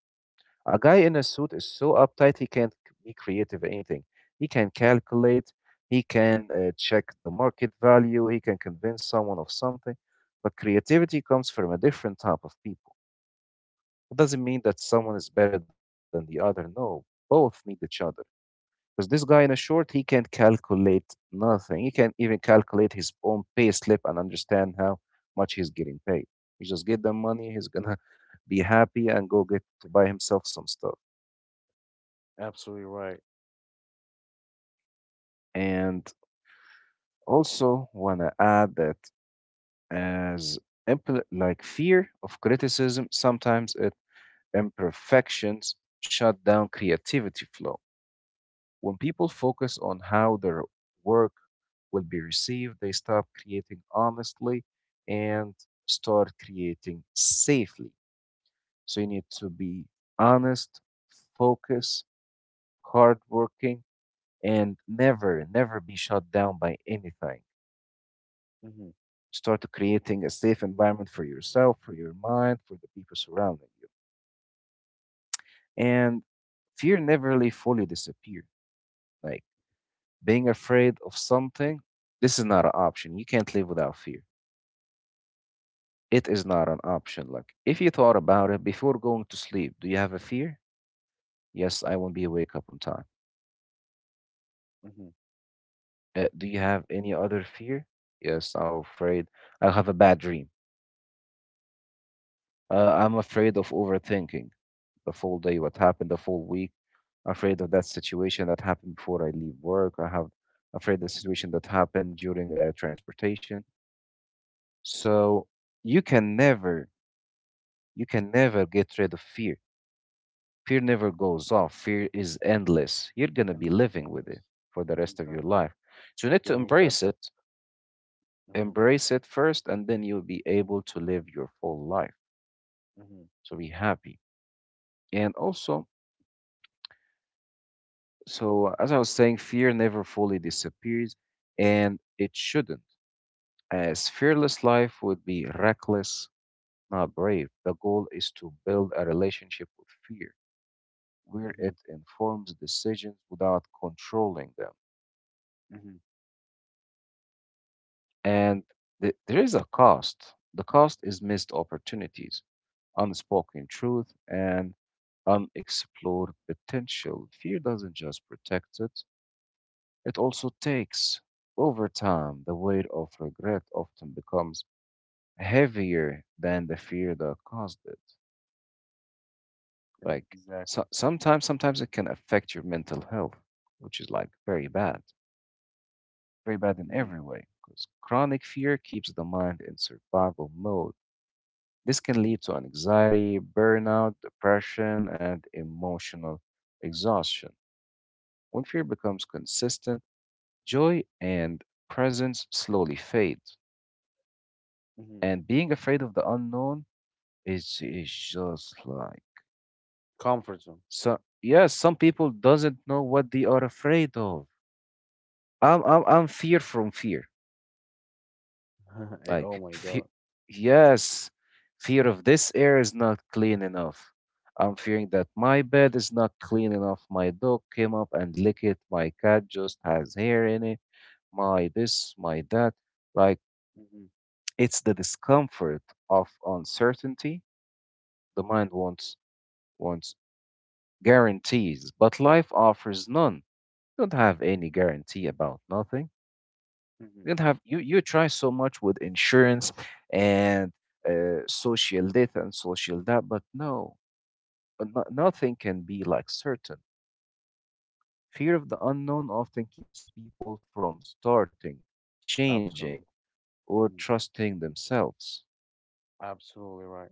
A guy in a suit is so uptight he can't be creative in anything. He can calculate, he can check the market value, he can convince someone of something. But creativity comes from a different type of people. It doesn't mean that someone is better than the other. No, both need each other. Because this guy in a short, he can't calculate nothing. He can't even calculate his own pay slip and understand how much he's getting paid. He just get the money, he's gonna be happy and go get to buy himself some stuff.
Absolutely right.
And also wanna add that as like fear of criticism, sometimes it imperfections shut down creativity flow. When people focus on how their work will be received, they stop creating honestly and start creating safely. So you need to be honest, focus, hardworking, and never, never be shut down by anything.
Hmm.
Start creating a safe environment for yourself, for your mind, for the people surrounding you. And fear never really fully disappear. Like being afraid of something, this is not an option. You can't live without fear. It is not an option. Like, if you thought about it before going to sleep, do you have a fear? Yes, I
Oh.
won't be awake up on time.
Hmm.
Do you have any other fear? Yes, I'm afraid I'll have a bad dream. I'm afraid of overthinking the full day, what happened the full week. Afraid of that situation that happened before I leave work. I have afraid the situation that happened during transportation. So you can never, you can never get rid of fear. Fear never goes off. Fear is endless. You're going to
And
be living with
examples.
it for the rest of your
Exactly.
life. So you need to
You need to adapt. Hmm.
embrace it first, and then you'll be able to live your full life.
Hmm.
So be happy. And also, so as I was saying, fear never fully disappears, and it shouldn't, as fearless life would be reckless, not brave. The goal is to build a relationship with fear where
Hmm.
it informs decisions without controlling them.
Hmm.
And there is a cost. The cost is missed opportunities, unspoken truth, and unexplored potential. Fear doesn't just protect it, it also takes. Over time, the weight of regret often becomes heavier than the fear that caused it. Like
Exactly.
sometimes it can affect your mental health, which is like very bad in
Mhm,
every way. Because chronic fear keeps the mind in survival mode. This can
mhm,
lead to anxiety, burnout, depression, and emotional exhaustion. When fear becomes consistent, joy and presence slowly fade.
mhm.
And being afraid of the unknown is just like
Comfort zone.
so. Yes, some people doesn't know what they are afraid of. I'm fear from fear.
Eh, oh
Like,
my God.
yes, fear of this air is not clean enough. I'm fearing that my bed is not clean enough. My dog came up and licked it. My cat just has hair in it. My this, my that. Like,
Mhm,
it's the discomfort of uncertainty. The mind wants guarantees, but life offers none. You don't have any guarantee about nothing.
mhm.
You don't have you you try so much with insurance and social this and social that, but no, no, nothing can be like certain. Fear of the unknown often keeps people from starting, changing,
Absolutely.
or
Mhm.
trusting themselves.
Absolutely right.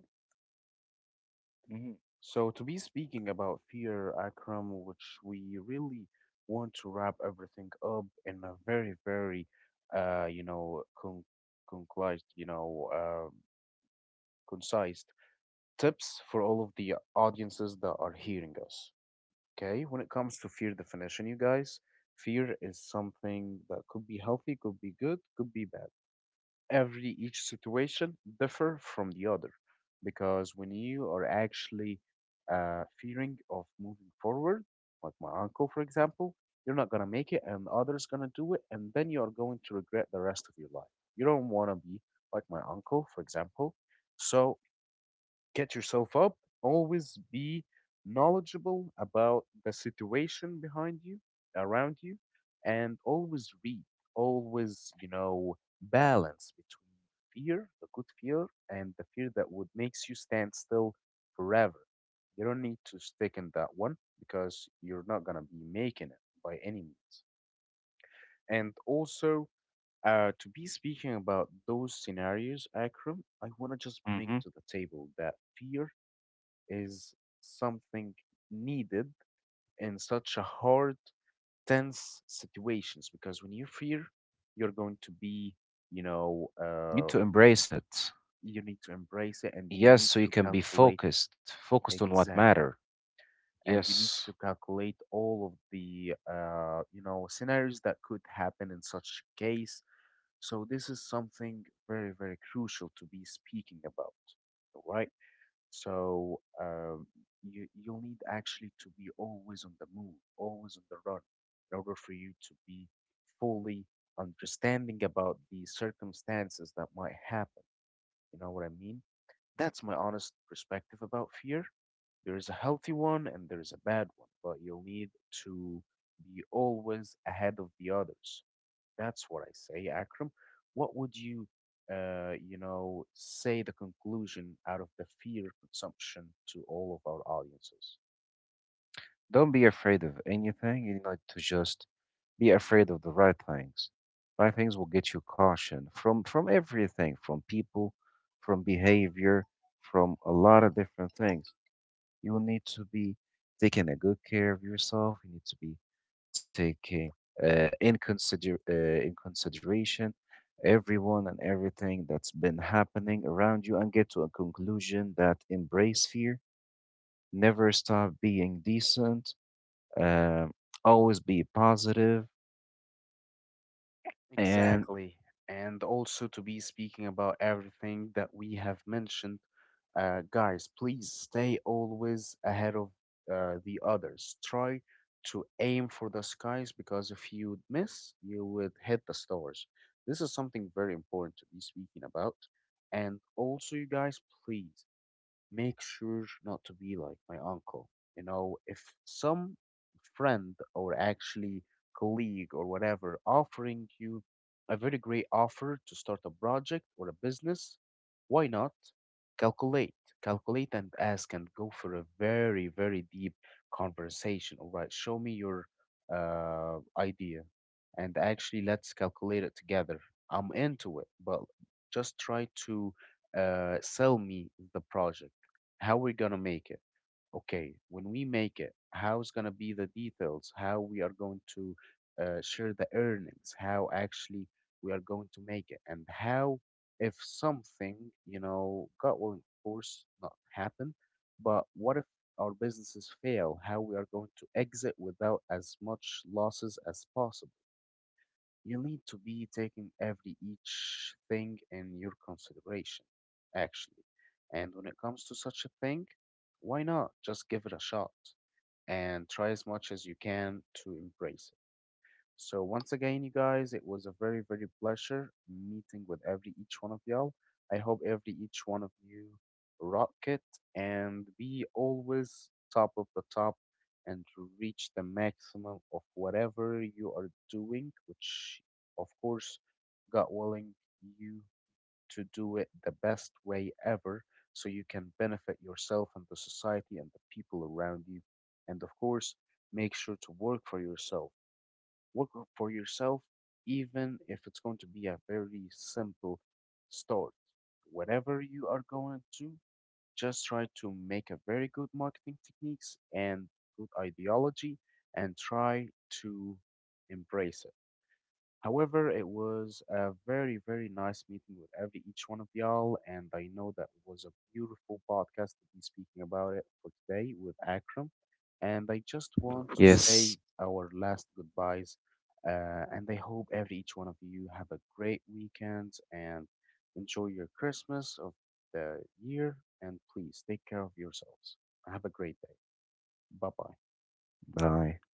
Hmm.
So to be speaking about fear, Akram, which we really want to wrap everything up in a very, very, you know, concise, you know, concise tips for all of the audiences that are hearing us. Okay, when it comes to fear definition, you guys, fear is something that could be healthy, could be good, could be bad. Every each situation differ from the other because when you are actually fearing of moving forward, like my uncle for example, you're not going to make it and others going to do it, and then you are going to regret the rest of your life. You don't want to be like my uncle for example. So get yourself up. Always be knowledgeable about the situation behind you, around you, and always read. Always, you know, balance between fear, the good fear, and the fear that would makes you stand still forever. You don't need to stick in that one because you're not gonna be making it by any means. And also, to be speaking about those scenarios, Akram, I want to just bring
Hmm.
to the table that fear is something needed in such a hard, tense situations, because when you fear, you're going to be, you know,
Need to embrace it.
you need to embrace it and you
Yes,
need
so you
to
can be
calculate
focused, focused on what
exactly.
matter.
And you need
Yes.
to calculate all of the, you know, scenarios that could happen in such case. So this is something very, very crucial to be speaking about, right? So you'll need actually to be always on the move, always on the run, in order for you to be fully understanding about the circumstances that might happen. You know what I mean? That's my honest perspective about fear. There is a healthy one and there is a bad one, but you'll need to be always ahead of the others. That's what I say, Akram. What would you, you know, say the conclusion out of the fear consumption to all of our audiences?
Don't be afraid of anything. You need to just be afraid of the right things. Right things will get you caution from everything, from people, from behavior, from a lot of different things. You will need to be taking a good care of yourself. You need to be taking in consideration everyone and everything that's been happening around you, and get to a conclusion that embrace fear, never stop being decent, um, always be positive and
Exactly. And also, to be speaking about everything that we have mentioned, guys, please stay always ahead of the others. Try to aim for the skies because if you miss, you would hit the stars. This is something very important to be speaking about. And also, you guys, please make sure not to be like my uncle. You know, if some friend or actually colleague or whatever offering you a very great offer to start a project or a business, why not calculate? Calculate and ask and go for a very, very deep conversation. All right, show me your idea, and actually let's calculate it together. I'm into it, but just try to sell me the project. How we're gonna make it? Okay, when we make it, how's gonna be the details? How we are going to share the earnings? How actually we are going to make it? And how, if something, you know, god willing of course, not happen, but what if our businesses fail, how we are going to exit without as much losses as possible? You need to be taking every each thing in your consideration, actually. And when it comes to such a thing, why not just give it a shot and try as much as you can to embrace it? So once again, you guys, it was a very, very pleasure meeting with every each one of y'all. I hope every each one of you rock it and be always top of the top and reach the maximum of whatever you are doing, which of course, God willing, you to do it the best way ever, so you can benefit yourself and the society and the people around you. And of course, make sure to work for yourself, for yourself, even if it's going to be a very simple start. Whatever you are going to, just try to make a very good marketing techniques and good ideology, and try to embrace it. However, it was a very, very nice meeting with every each one of y'all, and I know that was a beautiful podcast to be speaking about it for today with Akram. And I just want to say
yes,
our last goodbyes, and I hope every each one of you have a great weekend and enjoy your Christmas of the year. And please take care of yourselves. Have a great day. Bye bye.
bye.